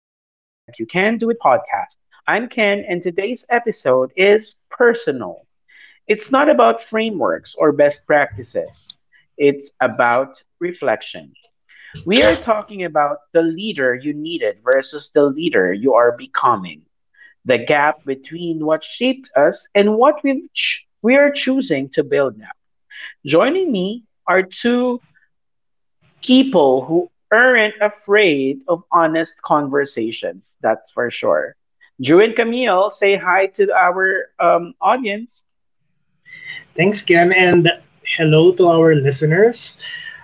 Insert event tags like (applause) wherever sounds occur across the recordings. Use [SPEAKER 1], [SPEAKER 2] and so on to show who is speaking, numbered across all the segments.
[SPEAKER 1] Can Do It podcast. I'm Ken, and today's episode is personal. It's not about frameworks or best practices, it's about reflection. We are talking about the leader you needed versus the leader you are becoming, the gap between what shaped us and what we we are choosing to build now. Joining me are two people who aren't afraid of honest conversations, that's for sure. Drew and Camille, say hi to our audience.
[SPEAKER 2] Thanks, Ken, and hello to our listeners.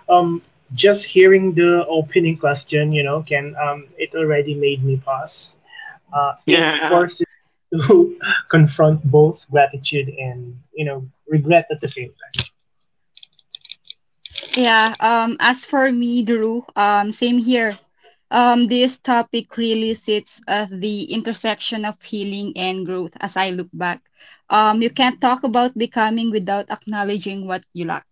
[SPEAKER 2] Um, just hearing the opening question, you know, Ken, it already made me pause. It
[SPEAKER 1] (laughs)
[SPEAKER 2] forces you to (laughs) confront both gratitude and, you know, regret at the same time.
[SPEAKER 3] Yeah, as for me, Drew, same here. This topic really sits at the intersection of healing and growth as I look back. You can't talk about becoming without acknowledging what you lack.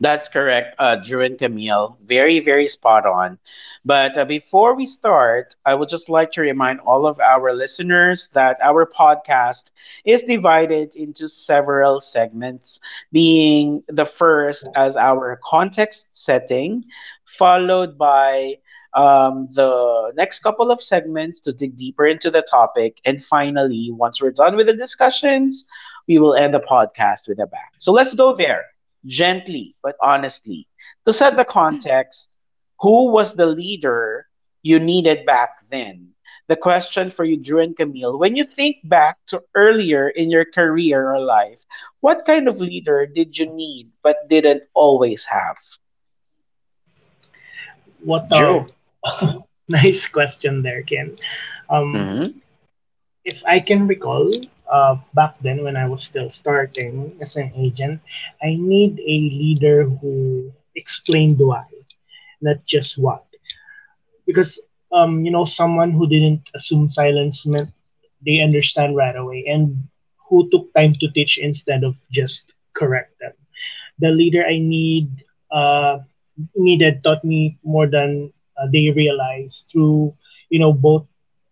[SPEAKER 1] That's correct, Drew and Camille. Very, very spot on. But before we start, I would just like to remind all of our listeners that our podcast is divided into several segments, being the first as our context setting, followed by the next couple of segments to dig deeper into the topic. And finally, once we're done with the discussions, we will end the podcast with a bang. So let's go there gently but honestly. To set the context, who was the leader you needed back then? The question for you, Drew and Camille, when you think back to earlier in your career or life, what kind of leader did you need but didn't always have?
[SPEAKER 2] What a
[SPEAKER 1] Drew.
[SPEAKER 2] (laughs) nice question there, Ken. Um,
[SPEAKER 1] Mm-hmm.
[SPEAKER 2] if I can recall, back then when I was still starting as an agent, I need a leader who explained why, not just what. Because, you know, someone who didn't assume silence meant they understand right away and who took time to teach instead of just correct them, the leader I need, uh, needed, taught me more than they realized through, you know, both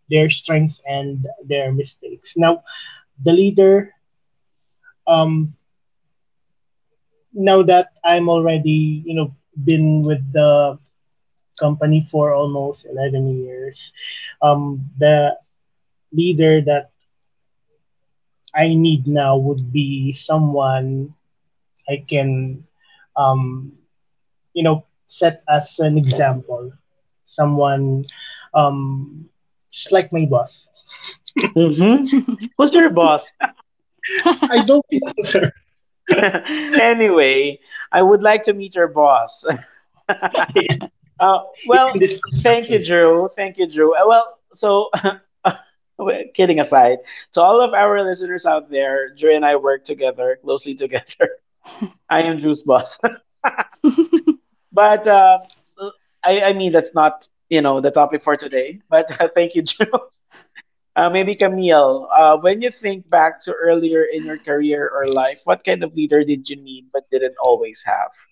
[SPEAKER 2] their strengths and their mistakes. Now the leader, um, now that I'm already, you know, been with the company for almost 11 years, the leader that I need now would be someone I can, um, you know, set as an example. Someone, um, just like my boss.
[SPEAKER 1] Mm-hmm. Who's your boss?
[SPEAKER 2] I don't know, (laughs) sir.
[SPEAKER 1] (laughs)
[SPEAKER 3] (laughs)
[SPEAKER 1] anyway, I would like to meet your boss. (laughs)
[SPEAKER 2] Yes, sir.
[SPEAKER 1] Uh,
[SPEAKER 2] It's in
[SPEAKER 1] well,
[SPEAKER 2] this call,
[SPEAKER 1] thank you,
[SPEAKER 2] actually.
[SPEAKER 1] Drew. Thank you, Drew. So (laughs) Kidding aside, to all of our listeners out there, Dre and I work together, closely together. (laughs) I am Drew's boss. (laughs) but I mean, that's not, you know, the topic for today. But (laughs) thank you, Drew. (laughs) Maybe Camille, when you think back to earlier in your career or life, what kind of leader did you need but didn't always have?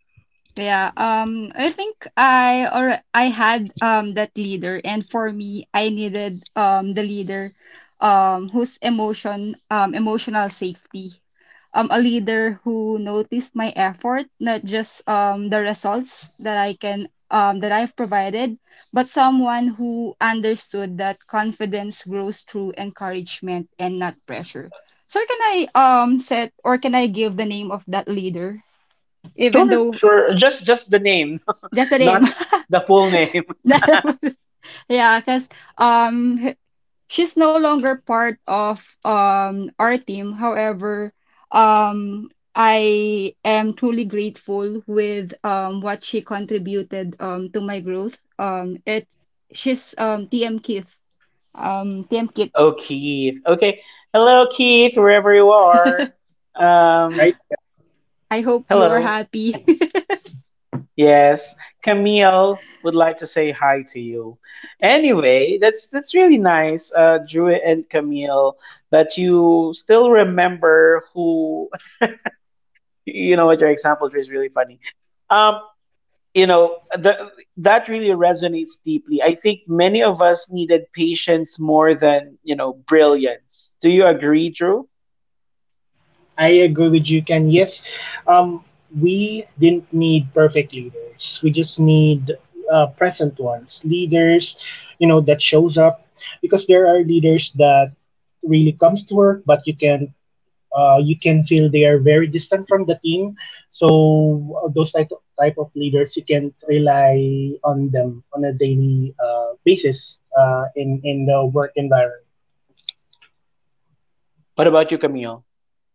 [SPEAKER 3] Yeah, I think I or I had that leader, and for me, I needed the leader, whose emotional safety, a leader who noticed my effort, not just the results that I can that I've provided, but someone who understood that confidence grows through encouragement and not pressure. So can I give the name of that leader, even
[SPEAKER 1] Sure,
[SPEAKER 3] though
[SPEAKER 1] sure. Just the name,
[SPEAKER 3] just a
[SPEAKER 1] (laughs)
[SPEAKER 3] name?
[SPEAKER 1] not
[SPEAKER 3] (laughs)
[SPEAKER 1] the full name. (laughs)
[SPEAKER 3] (laughs) Yeah, because um h- she's no longer part of our team. However, I am truly grateful with what she contributed to my growth. It She's TM Keith. TM Kit.
[SPEAKER 1] Oh, Keith. Okay. Hello, Keith, wherever you are.
[SPEAKER 3] (laughs)
[SPEAKER 2] Hi,
[SPEAKER 1] Um,
[SPEAKER 2] TM.
[SPEAKER 3] I hope you are
[SPEAKER 1] Hello.
[SPEAKER 3] happy. (laughs)
[SPEAKER 1] Yes, Camille would like to say hi to you. Anyway, that's really nice, Drew and Camille, that you still remember who. (laughs) You know what, your example Drew is really funny. Um, you know that really resonates deeply. I think many of us needed patience more than brilliance. Do you agree, Drew?
[SPEAKER 2] I agree with you, Ken. Yes, um, we didn't need perfect leaders. We just need present ones. Leaders, you know, that shows up, because there are leaders that really comes to work, but you can feel they are very distant from the team. So those type of leaders, you can rely on them on a daily basis in the work environment.
[SPEAKER 1] What about you, Camille?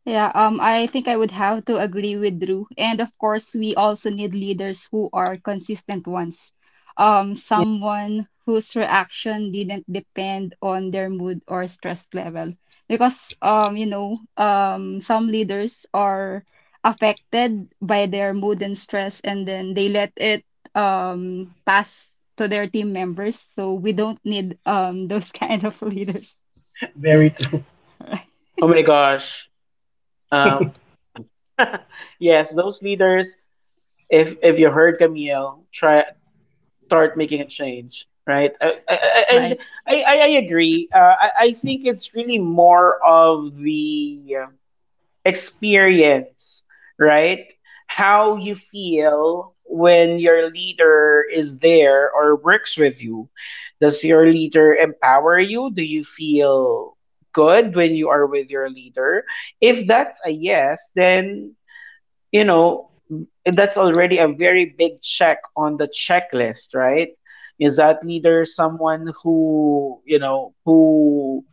[SPEAKER 3] Yeah, I think I would have to agree with Drew. And of course, we also need leaders who are consistent ones.
[SPEAKER 2] Mhm.
[SPEAKER 3] Someone whose reaction didn't depend on their mood or stress level. Because some leaders are affected by their mood and stress, and then they let it pass to their team members. So we don't need (laughs) those kind of leaders.
[SPEAKER 2] Very true.
[SPEAKER 3] (laughs)
[SPEAKER 1] Oh my gosh. Um, (laughs) yes, those leaders, if you heard Camille, try start making a change, right?
[SPEAKER 3] Right.
[SPEAKER 1] And
[SPEAKER 3] Right.
[SPEAKER 1] I agree. I think it's really more of the experience, right? How you feel when your leader is there or works with you. Does your leader empower you? Do you feel good when you are with your leader? If that's a yes, then you know that's already a very big check on the checklist, right? Is that leader someone who, you know, who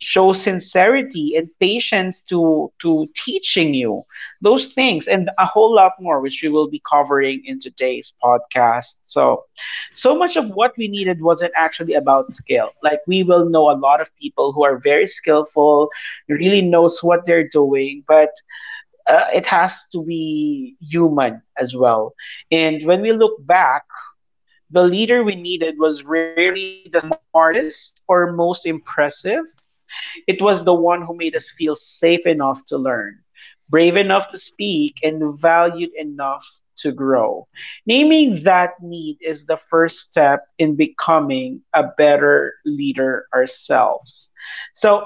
[SPEAKER 1] shows sincerity and patience to teaching you those things and a whole lot more, which we will be covering in today's podcast. So much of what we needed wasn't actually about skill. Like, we will know a lot of people who are very skillful, really knows what they're doing, but it has to be human as well. And when we look back, the leader we needed was rarely the smartest or most impressive. It was the one who made us feel safe enough to learn, brave enough to speak, and valued enough to grow. Naming that need is the first step in becoming a better leader ourselves. So,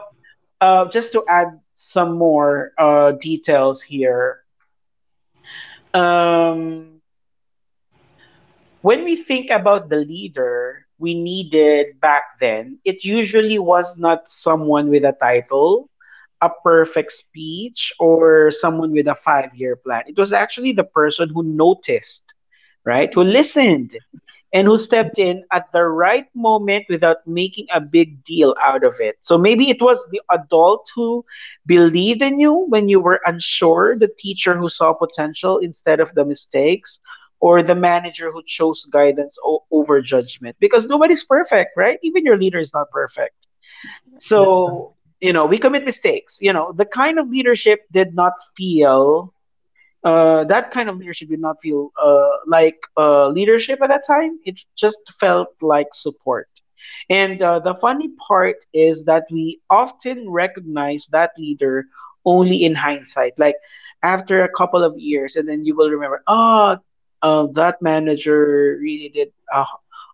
[SPEAKER 1] just to add some more details here, um, when we think about the leader we needed back then, it usually was not someone with a title, a perfect speech, or someone with a 5-year plan. It was actually the person who noticed, right? Who listened and who stepped
[SPEAKER 2] Mhm.
[SPEAKER 1] in at the right moment without making a big deal out of it. So maybe it was the adult who believed in you when you were unsure, the teacher who saw potential instead of the mistakes, or the manager who chose guidance over judgment, because nobody's perfect, right? Even your leader is not perfect.
[SPEAKER 2] That's correct.
[SPEAKER 1] So, you know, we commit mistakes. You know, the kind of leadership did not feel that kind of leadership did not feel like leadership at that time. It just felt like support. And the funny part is that we often recognize that leader only in hindsight, like after a couple of years, and then you will remember, oh, that manager really did a,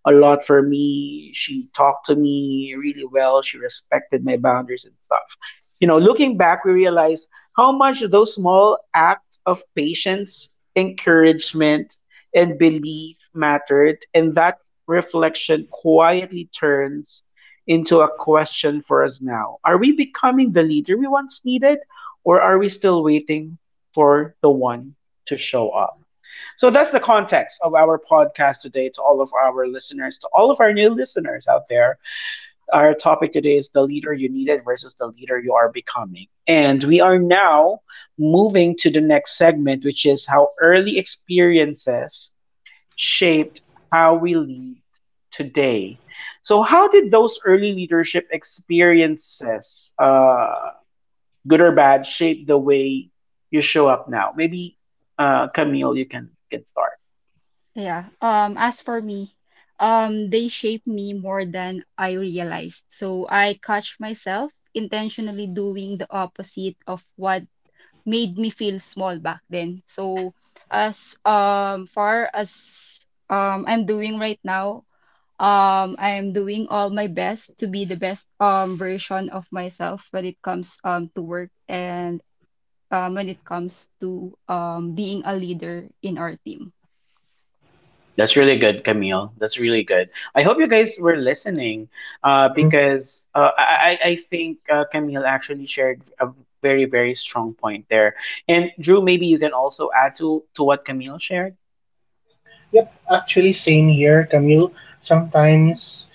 [SPEAKER 1] a lot for me. She talked to me really well. She respected my boundaries and stuff. You know, looking back, we realize how much those small acts of patience, encouragement, and belief mattered, and that reflection quietly turns into a question for us now. Are we becoming the leader we once needed, or are we still waiting for the one to show up? So that's the context of our podcast today, to all of our listeners, to all of our new listeners out there. Our topic today is the leader you needed versus the leader you are becoming. And we are now moving to the next segment, which is how early experiences shaped how we lead today. So, how did those early leadership experiences, good or bad, shape the way you show up now? Maybe, Camille, you can get started.
[SPEAKER 3] Yeah. As for me, they shape me more than I realized. So I catch myself intentionally doing the opposite of what made me feel small back then. So as far as I'm doing right now, I'm doing all my best to be the best version of myself when it comes to work and when it comes to being a leader in our team.
[SPEAKER 1] That's really good, Camille. That's really good. I hope you guys were listening,
[SPEAKER 2] Mhm.
[SPEAKER 1] because I think Camille actually shared a very, very strong point there. And Drew, maybe you can also add to what Camille shared.
[SPEAKER 2] Yep. Actually, same here, Camille. Sometimes,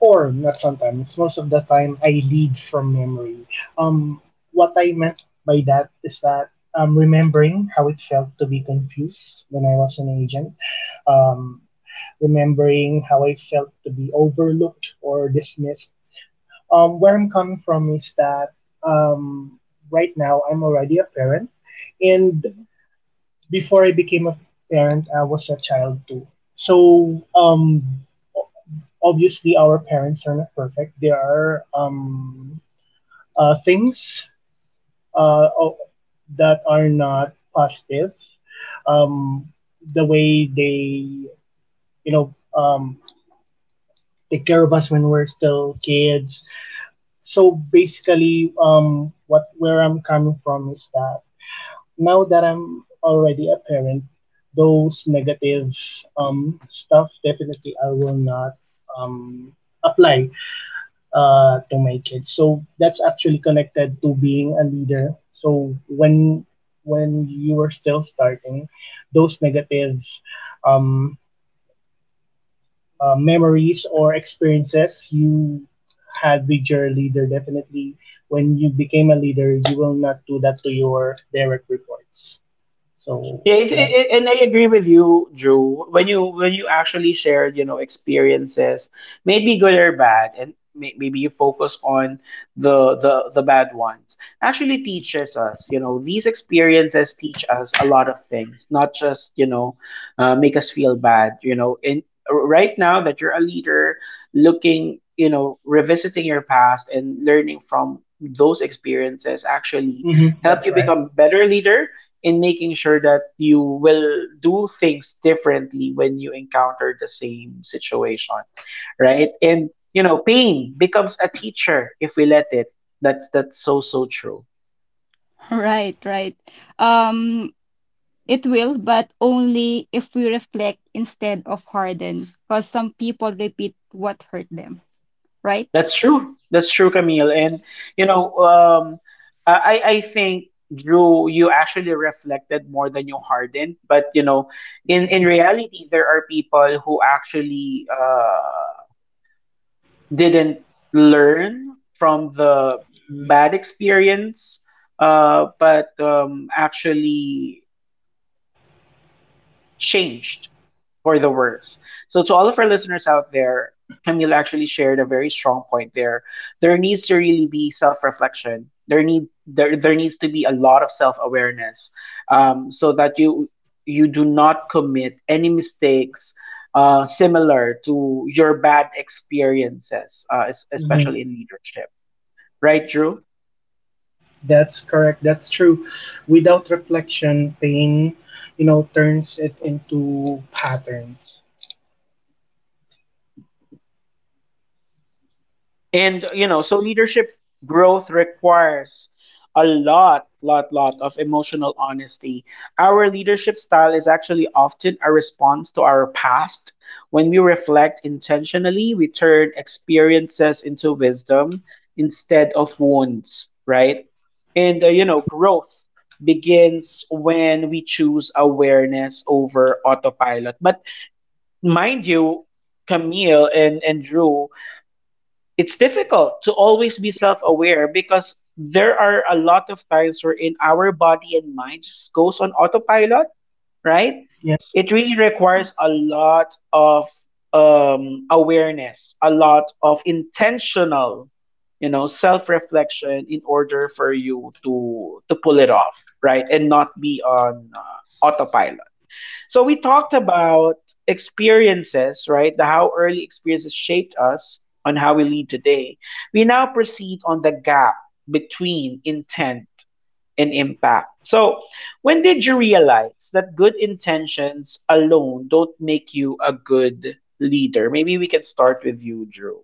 [SPEAKER 2] or not sometimes, most of the time, I lead from memory. Um, what I meant by that is that I'm remembering how it felt to be confused when I was an agent, um, remembering how I felt to be overlooked or dismissed. Where I'm coming from is that, um, right now I'm already a parent, and before I became a parent, I was a child too. So obviously, our parents are not perfect. There are things uh, that are not positive. Um, the way they, you know, take care of us when we're still kids. So basically, what, where I'm coming from is that now that I'm already a parent, those negative stuff definitely I will not um, apply to my kids. So that's actually connected to being a leader. So when you are still starting, those negative um, memories or experiences you had with your leader, definitely when you became a leader, you will not do that to your direct reports. So
[SPEAKER 1] Yeah, it's, it, it-
[SPEAKER 2] that's,
[SPEAKER 1] and I agree with you, Drew. When you, actually shared, you know, experiences, maybe good or bad, and maybe you focus on the bad ones, actually teaches us. You know, these experiences teach us a lot of things, not just, you know, make us feel bad. You know, and right now that you're a leader, looking, you know, revisiting your past and learning from those experiences actually
[SPEAKER 2] mhm,
[SPEAKER 1] help
[SPEAKER 2] that's
[SPEAKER 1] you
[SPEAKER 2] right.
[SPEAKER 1] become better leader in making sure that you will do things differently when you encounter the same situation, right? And you know, pain becomes a teacher if we let it. That's so so true.
[SPEAKER 3] Right, right. Um, it will, but only if we reflect instead of harden, because some people repeat what hurt them, right?
[SPEAKER 1] That's true. That's true, Camille. And you know, I I think Drew, you actually reflected more than you hardened. But you know, in reality, there are people who actually didn't learn from the bad experience, but actually changed for the worse. So, to all of our listeners out there, Camille actually shared a very strong point there. There needs to really be self reflection. There need there there needs to be a lot of self awareness, so that you do not commit any mistakes similar to your bad experiences,
[SPEAKER 2] Hmm.
[SPEAKER 1] especially in leadership, right Drew?
[SPEAKER 2] That's correct. That's true. Without reflection, pain, you know, turns it into patterns.
[SPEAKER 1] And you know, so leadership growth requires a lot lot lot of emotional honesty. Our leadership style is actually often a response to our past. When we reflect intentionally, we turn experiences into wisdom instead of wounds, right? And you know, growth begins when we choose awareness over autopilot. But mind you, Camille and Drew, it's difficult to always be
[SPEAKER 2] Hmm.
[SPEAKER 1] self-aware, because there are a lot of times where in our body and mind just goes on autopilot, right?
[SPEAKER 2] Yes.
[SPEAKER 1] It really
[SPEAKER 3] Mm.
[SPEAKER 1] requires a lot of awareness, a lot of intentional, you know, self-reflection in order for you to pull it off, right? And not be on autopilot. So we talked about experiences, right? The how early experiences shaped us on how we lead today. We now proceed on the gap between intent and impact. So, when did you realize that good intentions alone don't make you a good leader? Maybe we can start with you, Drew.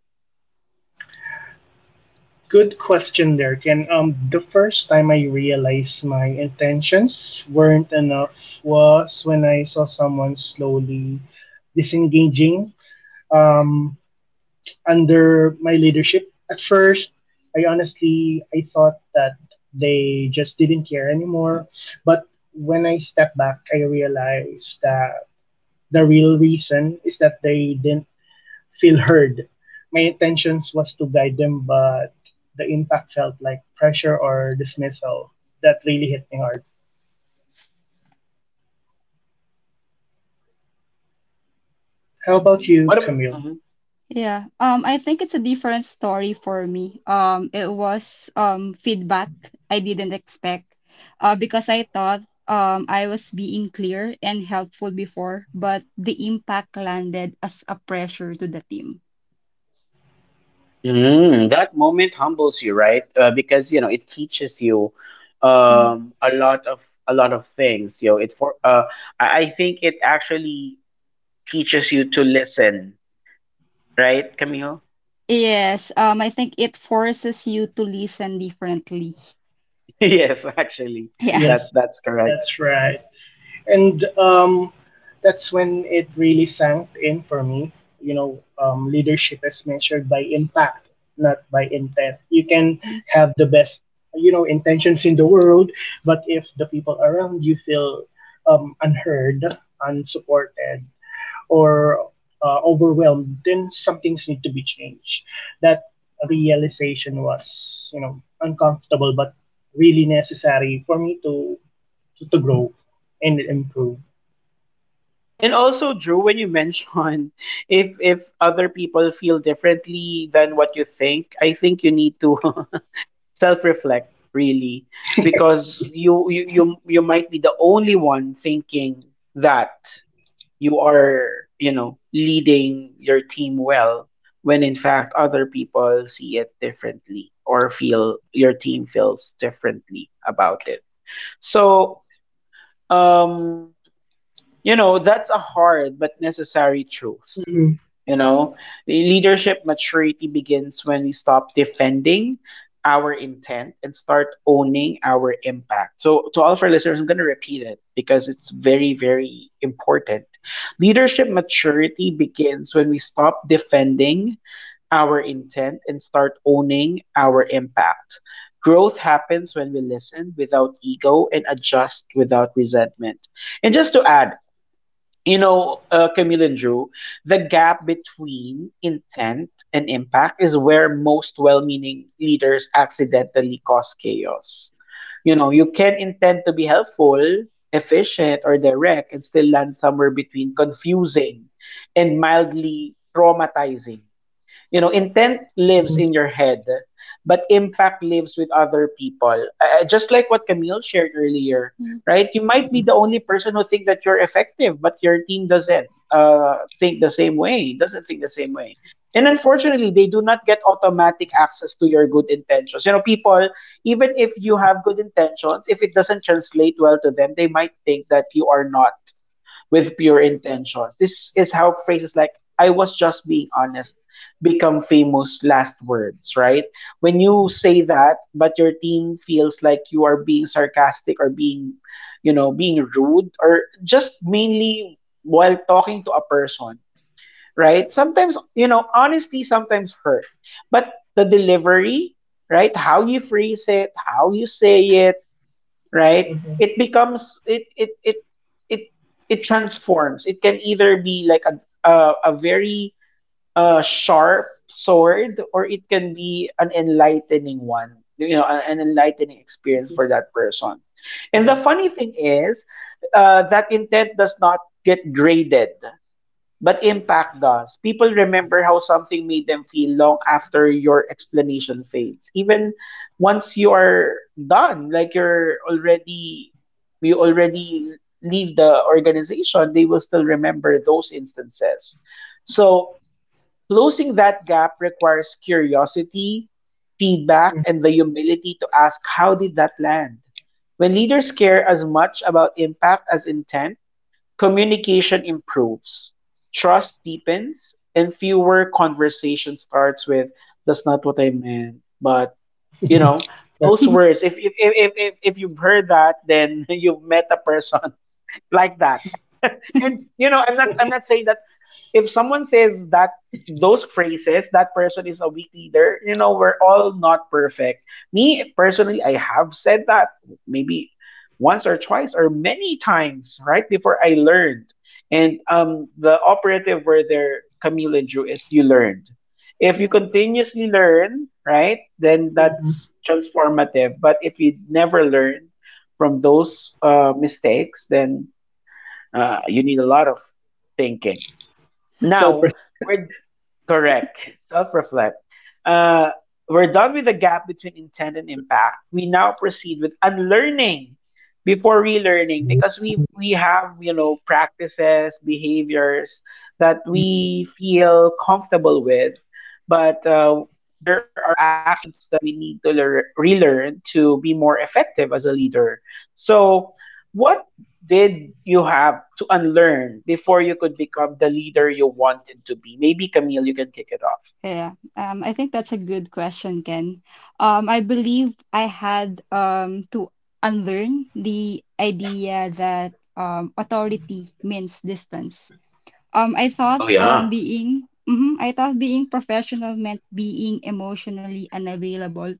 [SPEAKER 2] Good question there, Ken. The first time I realized my intentions weren't enough was when I saw someone slowly disengaging um, under my leadership. At first, I honestly I thought that they just didn't care anymore, but when I stepped back, I realized that the real reason is that they didn't feel heard. My intentions was to guide them, but the impact felt like pressure or dismissal. That really hit me hard. How about you,
[SPEAKER 1] What?
[SPEAKER 2] Camille?
[SPEAKER 3] Yeah. I think it's a different story for me. It was feedback I didn't expect, because I thought I was being clear and helpful before, but the impact landed as a pressure to the team.
[SPEAKER 1] Mm, that moment humbles you, right? Because you know it teaches you
[SPEAKER 3] Mhm.
[SPEAKER 1] a lot of things. You know, it for I think it actually teaches you to listen, right, Camille?
[SPEAKER 3] Yes, I think it forces you to listen differently.
[SPEAKER 1] (laughs) yes, actually,
[SPEAKER 3] Yeah.
[SPEAKER 1] that
[SPEAKER 2] Yes,
[SPEAKER 1] that's correct.
[SPEAKER 2] that's right. And that's when it really sank in for me. You know, leadership is measured by impact, not by intent. You can
[SPEAKER 3] (laughs)
[SPEAKER 2] have the best, you know, intentions in the world, but if the people around you feel unheard, unsupported, or overwhelmed, then some things need to be changed. That realization was, you know, uncomfortable but really necessary for me to grow and improve.
[SPEAKER 1] And also, Drew, when you mention, (laughs) if other people feel differently than what you think, I think you need to (laughs) self-reflect really,
[SPEAKER 2] (laughs)
[SPEAKER 1] because
[SPEAKER 2] Yes.
[SPEAKER 1] you might be the only one thinking that you are, you know, leading your team well, when in fact other people see it differently, or feel, your team feels differently about it. So um you know, that's a hard but necessary truth.
[SPEAKER 2] Mm-hmm.
[SPEAKER 1] You know, leadership maturity begins when we stop defending our intent and start owning our impact. So, to all of our listeners, I'm going to repeat it because it's very, very important. Leadership maturity begins when we stop defending our intent and start owning our impact. Growth happens when we listen without ego and adjust without resentment. And just to add, Camille and Drew, the gap between intent and impact is where most well meaning leaders accidentally cause chaos. You know, you can intend to be helpful, efficient, or direct and still land somewhere between confusing and mildly traumatizing. You know intent lives
[SPEAKER 2] Mm-hmm.
[SPEAKER 1] in your head but impact lives with other people, just like what Camille shared earlier. Right, you might be
[SPEAKER 2] Mm-hmm.
[SPEAKER 1] the only person who think that you're effective but your team doesn't, think the same way doesn't think the same way and unfortunately they do not get automatic access to your good intentions. You know people, even if you have good intentions, if it doesn't translate well to them they might think that you are not with pure intentions. This is how phrases like I was just being honest become famous last words, right? When you say that, but your team feels like you are being sarcastic or being, you know, being rude or just mainly while talking to a person, right? Sometimes, you know, honesty sometimes hurt, but the delivery, right? How you phrase it, how you say it, right,
[SPEAKER 2] Mm-hmm.
[SPEAKER 1] it becomes it it transforms. It can either be like a very, sharp sword, or it can be an enlightening one. You know, an enlightening experience
[SPEAKER 2] Mm-hmm.
[SPEAKER 1] for that person. And the
[SPEAKER 2] Like,
[SPEAKER 1] funny thing is, that intent does not get graded but impact does. People remember how something made them feel long after your explanation fades. Even once you are done, like you already leave the organization, they will still remember those instances. So closing that gap requires curiosity, feedback,
[SPEAKER 2] hmm.
[SPEAKER 1] and the humility to ask, how did that land? When leaders care as much about impact as intent, communication improves, trust deepens, and fewer conversation starts with "That's not what I meant," but you know those
[SPEAKER 2] Correct.
[SPEAKER 1] words. If you've heard that, then (laughs) you've met a person (laughs) like that. (laughs) And you know, I'm not
[SPEAKER 2] (laughs)
[SPEAKER 1] I'm not saying that if someone says that those phrases, that person is a weak leader. You know, we're all not perfect. Me personally, I have said that maybe once or twice or many times, right? Before I learned. And the operative word there, Camille and Drew, is you learned. If you
[SPEAKER 3] Yeah.
[SPEAKER 1] continuously learn, right, then
[SPEAKER 2] Mm-hmm.
[SPEAKER 1] that's transformative. But if you never learn from those, mistakes, then, you need a lot of thinking
[SPEAKER 2] Self
[SPEAKER 1] now.
[SPEAKER 2] respect.
[SPEAKER 1] We're correct. Self reflect. Uh, we're done with the gap between intent and impact. We now proceed with unlearning before relearning, because we
[SPEAKER 2] (laughs)
[SPEAKER 1] we have, you know, practices, behaviors that
[SPEAKER 2] Mm-hmm.
[SPEAKER 1] we feel comfortable with, but, there are actions that we need to relearn to be more effective as a leader. So, what did you have to unlearn before you could become the leader you wanted to be? Maybe Camille, you can kick it off.
[SPEAKER 3] Yeah. I think that's a good question, Ken. I believe I had to unlearn the idea that authority means distance.
[SPEAKER 1] Oh yeah.
[SPEAKER 3] I thought being professional meant being emotionally unavailable,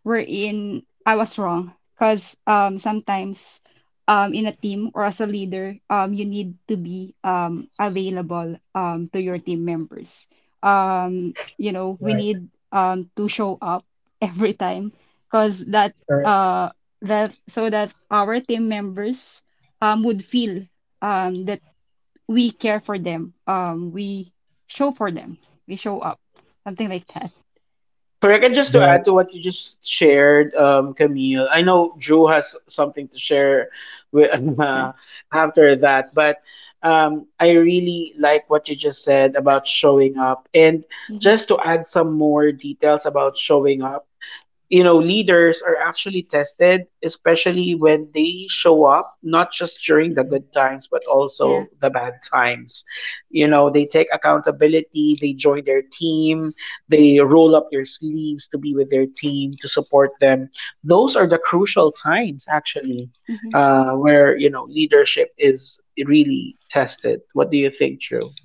[SPEAKER 3] wherein I was wrong. Cause sometimes in a team or as a leader, you need to be available to your team members. We
[SPEAKER 2] Right.
[SPEAKER 3] need to show up (laughs) every time because that
[SPEAKER 2] Correct.
[SPEAKER 3] uh that so that our team members would feel that we care for them. We show for them. We show up. Something like that.
[SPEAKER 1] Correct. And just to add
[SPEAKER 2] Very
[SPEAKER 1] to what you
[SPEAKER 2] true.
[SPEAKER 1] just shared, Camille, I know Drew has something to share with, (laughs)
[SPEAKER 3] Yeah.
[SPEAKER 1] uh, after that, but I really like what you just said about showing up. And
[SPEAKER 3] Hmm.
[SPEAKER 1] just to add some more details about showing up, you know, leaders are actually tested especially when they show up not just during the good times but
[SPEAKER 3] Yeah.
[SPEAKER 1] also the bad times. You know, they take accountability, they join their team, they roll up their sleeves to be with their team to support them. Those are the crucial times actually,
[SPEAKER 3] Hmm.
[SPEAKER 1] where, you know, leadership is really tested. What do you think, Drew?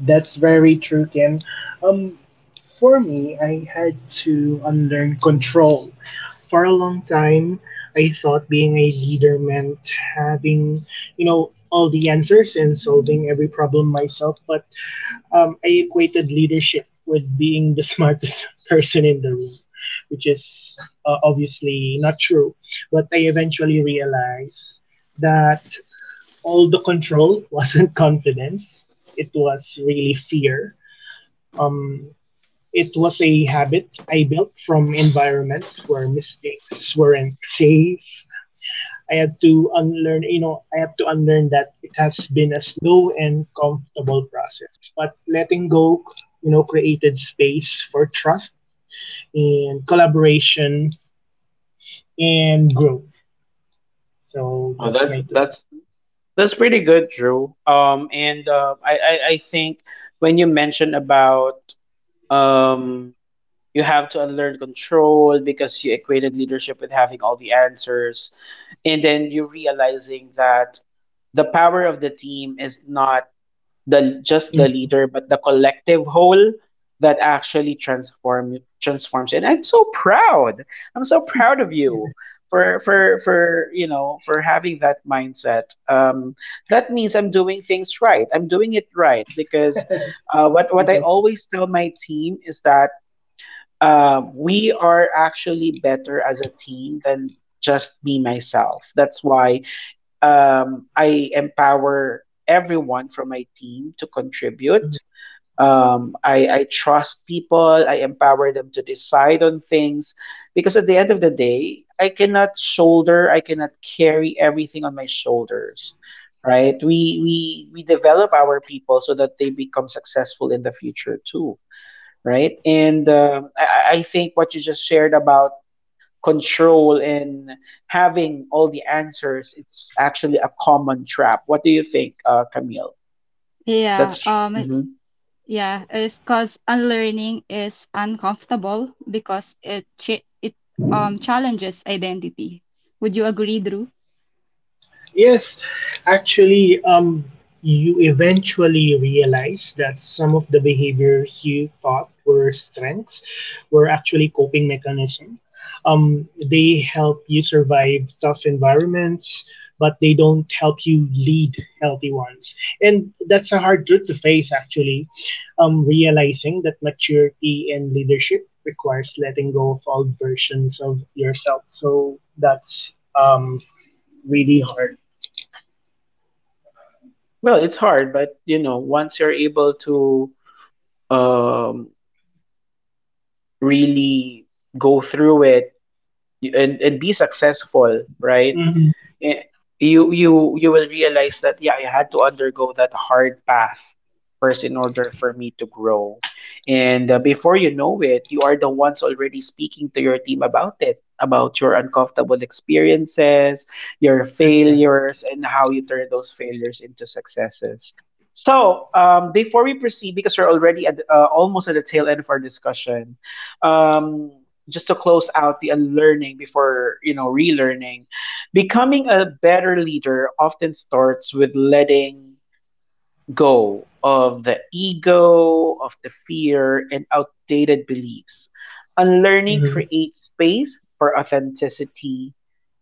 [SPEAKER 2] That's very true, Ken. Um, for me, I had to unlearn control. For a long time, I thought being a leader meant having, you know, all the answers and solving every problem myself. But I equated leadership with being the (laughs) smartest person in the room, which is obviously not true. But I eventually realized that all the control (laughs) wasn't confidence. It was really fear. Um, it was a habit I built from environments where mistakes weren't safe. I had to unlearn, you know, I had to unlearn that. It has been a slow and comfortable process. But letting go, you know, created space for trust and collaboration and growth. So
[SPEAKER 1] Oh,
[SPEAKER 2] that's
[SPEAKER 1] that's
[SPEAKER 2] my two
[SPEAKER 1] that's
[SPEAKER 2] cents.
[SPEAKER 1] that's pretty good, Drew. And I think when you mentioned about, um, you have to unlearn control because you equated leadership with having all the answers, and then you realizing that the power of the team is not the just the
[SPEAKER 2] Mm-hmm.
[SPEAKER 1] leader, but the collective whole, that actually transforms. And I'm so proud. I'm so proud of you for you know, for having that mindset. That means I'm doing things right. I'm doing it right because,
[SPEAKER 2] (laughs)
[SPEAKER 1] what I
[SPEAKER 2] Little
[SPEAKER 1] always
[SPEAKER 2] things.
[SPEAKER 1] tell my team is that, we are actually better as a team than just me myself. That's why, I empower everyone from my team to contribute.
[SPEAKER 2] Mhm.
[SPEAKER 1] I trust people. I empower them to decide on things, because at the end of the day, I cannot carry everything on my shoulders, right? We develop our people so that they become successful in the future too, right? And I think what you just shared about control and having all the answers, it's actually a common trap. What do you think, Camille?
[SPEAKER 3] Yeah.
[SPEAKER 1] That's mhm.
[SPEAKER 3] It's because unlearning is uncomfortable because it challenges identity. Would you agree, Drew?
[SPEAKER 2] Yes, actually, you eventually realize that some of the behaviors you thought were strengths were actually coping mechanisms. They help you survive tough environments, but they don't help you lead healthy ones. And that's a hard truth to face, actually. Realizing that maturity and leadership requires letting go of old versions of yourself. So that's really hard.
[SPEAKER 1] Well, it's hard, but you know, once you're able to, um, really go through it and be successful, right?
[SPEAKER 2] Mm-hmm.
[SPEAKER 1] eh, you will realize that yeah, I had to undergo that hard path first in order for me to grow, and, before you know it, you are the ones already speaking to your team about it, about your uncomfortable experiences, your
[SPEAKER 2] That's right.
[SPEAKER 1] failures and how you turn those failures into successes. So, before we proceed, because we're already at, almost at the tail end of our discussion, um, just to close out the unlearning before, you know, relearning. Becoming a better leader often starts with letting go of the ego, of the fear, and outdated beliefs. Unlearning
[SPEAKER 2] Mm-hmm.
[SPEAKER 1] creates space for authenticity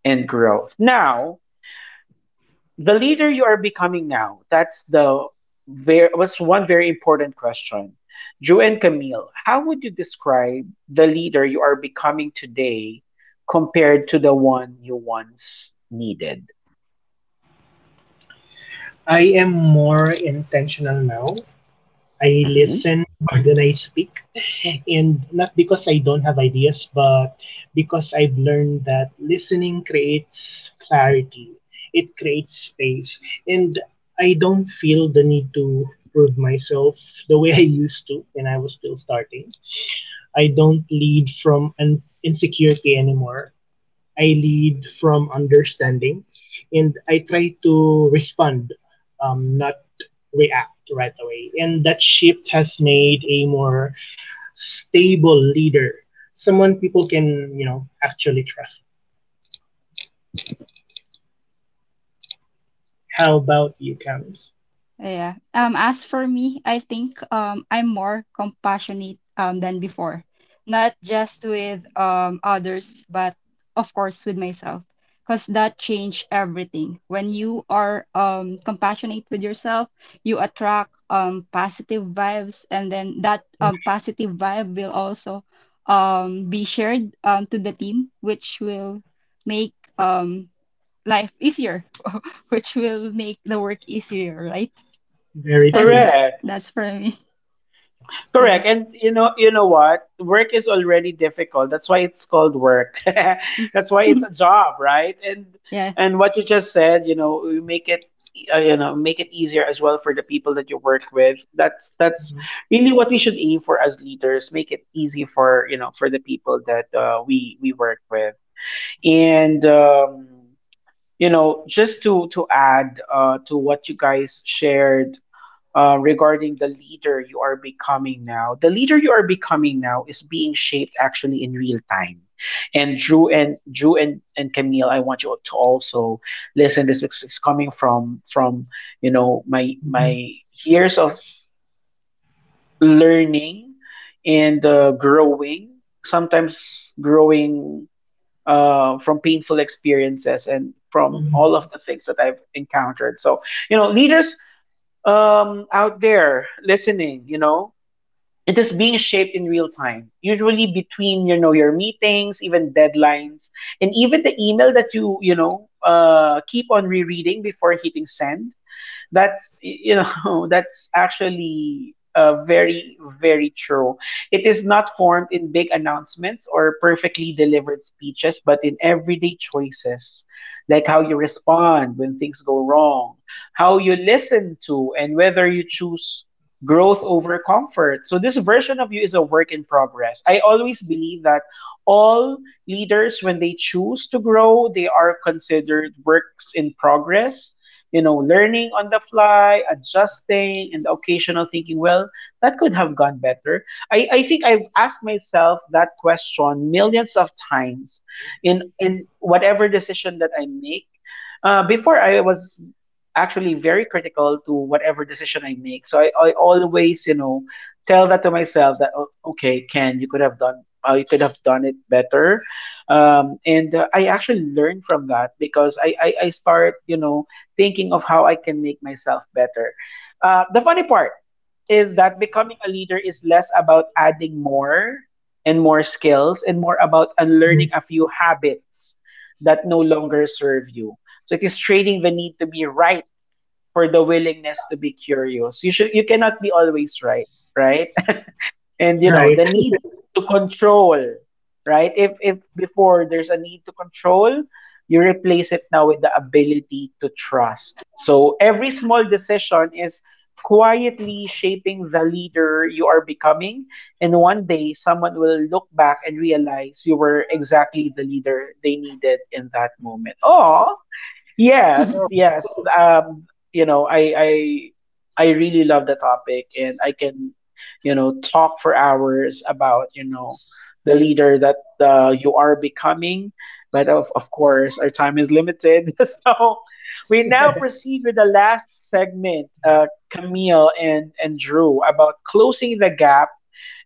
[SPEAKER 1] and growth. Now, the leader you are becoming now, that's the very, was one very important question. Drew and Camille, how would you describe the leader you are becoming today compared to the one you once needed?
[SPEAKER 2] I am more intentional now. I listen more (laughs) than I speak. And not because I don't have ideas, but because I've learned that listening creates clarity, it creates space. And I don't feel the need to prove myself the way (laughs) I used to when I was still starting. I don't lead from an insecurity anymore. I lead from understanding, and I try to respond, not react right away. And that shift has made a more stable leader, someone people can, you know, actually trust. How about you, Camus?
[SPEAKER 3] Yeah. As for me, I think I'm more compassionate than before. Not just with others, but of course with myself. Because that changed everything. When you are compassionate with yourself, you attract positive vibes, and then that
[SPEAKER 2] Mm-hmm.
[SPEAKER 3] positive vibe will also be shared to the team, which will make life easier, (laughs) which will make the work easier, right?
[SPEAKER 2] Very
[SPEAKER 3] So I
[SPEAKER 2] true.
[SPEAKER 3] think
[SPEAKER 1] Correct.
[SPEAKER 3] that's for me. (laughs) Yeah.
[SPEAKER 1] Correct. And you know what? Work is already difficult. That's why it's called work. (laughs) That's why it's
[SPEAKER 3] (laughs)
[SPEAKER 1] a job, right?
[SPEAKER 3] Yeah.
[SPEAKER 1] And what you just said, you know, we make it, you know, make it easier as well for the people that you work with. That's really what we should aim for as leaders. Make it easy for, you know, for the people that, we work with. And you know, just to add, to what you guys shared, regarding the leader you are becoming now. The leader you are becoming now is being shaped actually in real time. And Drew and Camille, I want you to also listen. This is coming from you know my
[SPEAKER 2] Mm-hmm.
[SPEAKER 1] my years of learning and, growing. Sometimes growing, from painful experiences and from
[SPEAKER 2] Hmm.
[SPEAKER 1] all of the things that I've encountered. So you know, leaders, out there listening, you know, it is being shaped in real time, usually between, you know, your meetings, even deadlines, and even the email that you know, keep on rereading before hitting send. That's, you know, (laughs) that's actually, very, very true. It is not formed in big announcements or perfectly delivered speeches, but in everyday choices, like how you respond when things go wrong, how you listen to, and whether you choose growth over comfort. So this version of you is a work in progress. I always believe that all leaders, when they choose to grow, they are considered works in progress, you know, learning on the fly, adjusting, and the occasional thinking, well, that could have gone better. I think I've asked myself that question millions of times in whatever decision that I make. Before I was actually very critical to whatever decision I make. So I always, you know, tell that to myself that "Oh, okay, Ken, you could have done, you could have done it better." And I actually learn from that because I start, you know, thinking of how I can make myself better. The funny part is that becoming a leader is less about adding more and more skills and more about unlearning
[SPEAKER 2] Hmm.
[SPEAKER 1] a few habits that no longer serve you. So it is trading the need to be right for the willingness to be curious. You cannot be always right, right? (laughs) And you know,
[SPEAKER 2] Right.
[SPEAKER 1] the need
[SPEAKER 2] (laughs)
[SPEAKER 1] to control, right? If before there's a need to control, you replace it now with the ability to trust. So every small decision is quietly shaping the leader you are becoming, and one day someone will look back and realize you were exactly the leader they needed in that moment. Oh, yes,
[SPEAKER 3] (laughs)
[SPEAKER 1] yes.
[SPEAKER 2] Oh. (laughs)
[SPEAKER 1] You know, I I really love the topic and I can, you know, talk for hours about, you know, the leader that, you are becoming. But of course, our time is limited. (laughs) So we now proceed with the last segment, Camille and Drew, about closing the gap,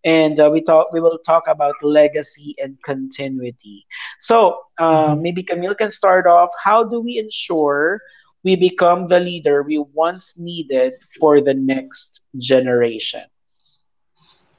[SPEAKER 1] and, we will talk about legacy and continuity. So,
[SPEAKER 2] Mhm.
[SPEAKER 1] maybe Camille can start off, how do we ensure we become the leader we once needed for the next generation?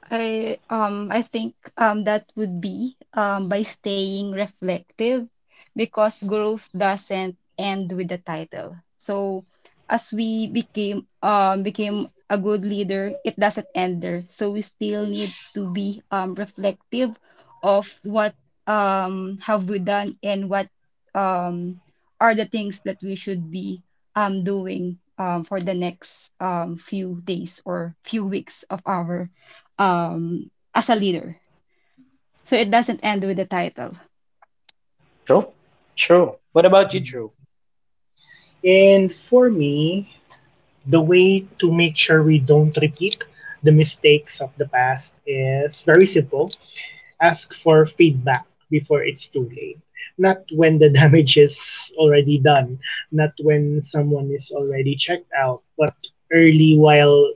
[SPEAKER 3] I I think that would be by staying reflective because growth doesn't end with the title. So as we became a good leader, it doesn't end there. So we still need to be reflective of what have we done and what um are the things that we should be doing for the next few days or few weeks of our as a leader. So it doesn't end with the title.
[SPEAKER 1] True. True. What about you,
[SPEAKER 2] Ayun.
[SPEAKER 1] Drew?
[SPEAKER 2] And for me, the way to make sure we don't repeat the mistakes of the past is very simple. Ask for feedback before it's too late. Not when the (laughs) damage is already done, not when someone is already checked out, but early while,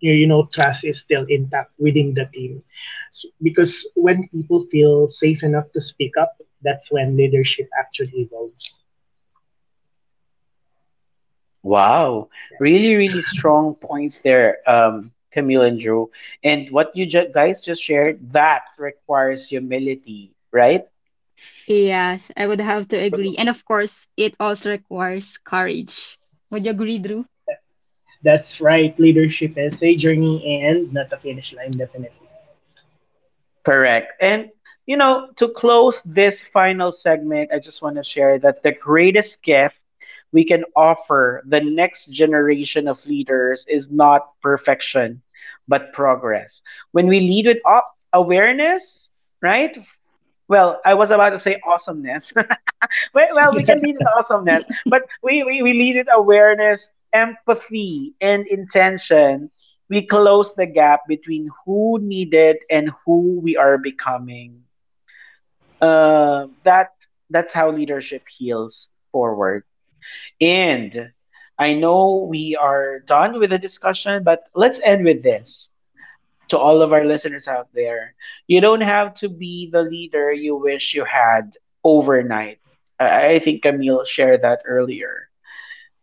[SPEAKER 2] you know, trust is still intact within the team. Because when people feel safe enough to speak up, that's when leadership actually evolves.
[SPEAKER 1] Wow,
[SPEAKER 2] Yes.
[SPEAKER 1] really, really
[SPEAKER 2] (laughs)
[SPEAKER 1] strong points there, Camille and Drew. And what you guys just shared, that requires humility, right?
[SPEAKER 3] Yes, I would have to agree. And of course, it also requires courage. Would you agree, Drew?
[SPEAKER 2] that, That's right, leadership is a journey and not a finish line, definitely.
[SPEAKER 1] Correct. And you know, to close this final segment, I just want to share that the greatest gift we can offer the next generation of leaders is not perfection, but progress. When we lead with awareness, right? Well, I was about to say awesomeness. (laughs) Well, well, we can lead with
[SPEAKER 2] (laughs)
[SPEAKER 1] awesomeness, but we lead with awareness, empathy, and intention. We close the gap between who needed and who we are becoming. That that's how leadership heals forward. And I know we are done with the discussion, but let's end with this to all of our listeners out there. You don't have to be the leader you wish you had overnight. I think Camille shared that earlier.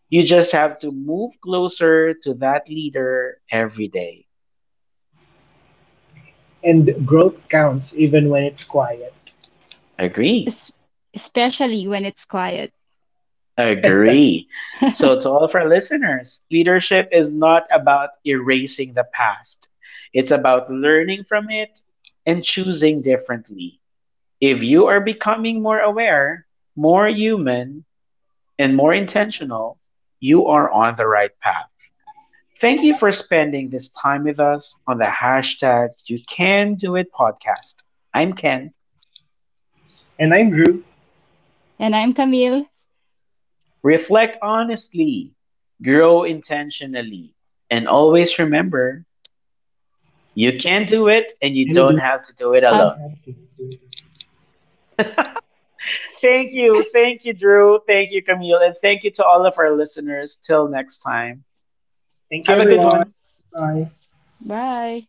[SPEAKER 1] You just have to move closer to that leader every day.
[SPEAKER 2] And growth counts even when it's quiet.
[SPEAKER 1] Agree.
[SPEAKER 3] Es- Especially when it's quiet.
[SPEAKER 1] Agree.
[SPEAKER 3] (laughs)
[SPEAKER 1] So, to all of our listeners, leadership is not about erasing the past. It's about learning from it and choosing differently. If you are becoming more aware, more human, and more intentional, you are on the right path. Thank you for spending this time with us on the hashtag You Can Do It podcast. I'm Ken.
[SPEAKER 2] And I'm Drew.
[SPEAKER 3] And I'm Camille.
[SPEAKER 1] Reflect honestly, grow intentionally, and always remember you can do it and you
[SPEAKER 2] Can
[SPEAKER 1] don't
[SPEAKER 2] do it.
[SPEAKER 1] have to do it
[SPEAKER 2] Don't
[SPEAKER 3] Have
[SPEAKER 1] alone.
[SPEAKER 2] have to do it.
[SPEAKER 1] (laughs) Thank you. Thank you, Drew. Thank you, Camille. And thank you to all of our listeners. Till next time,
[SPEAKER 2] Thank you,
[SPEAKER 1] have a good one.
[SPEAKER 2] everyone. Bye bye.
[SPEAKER 3] bye.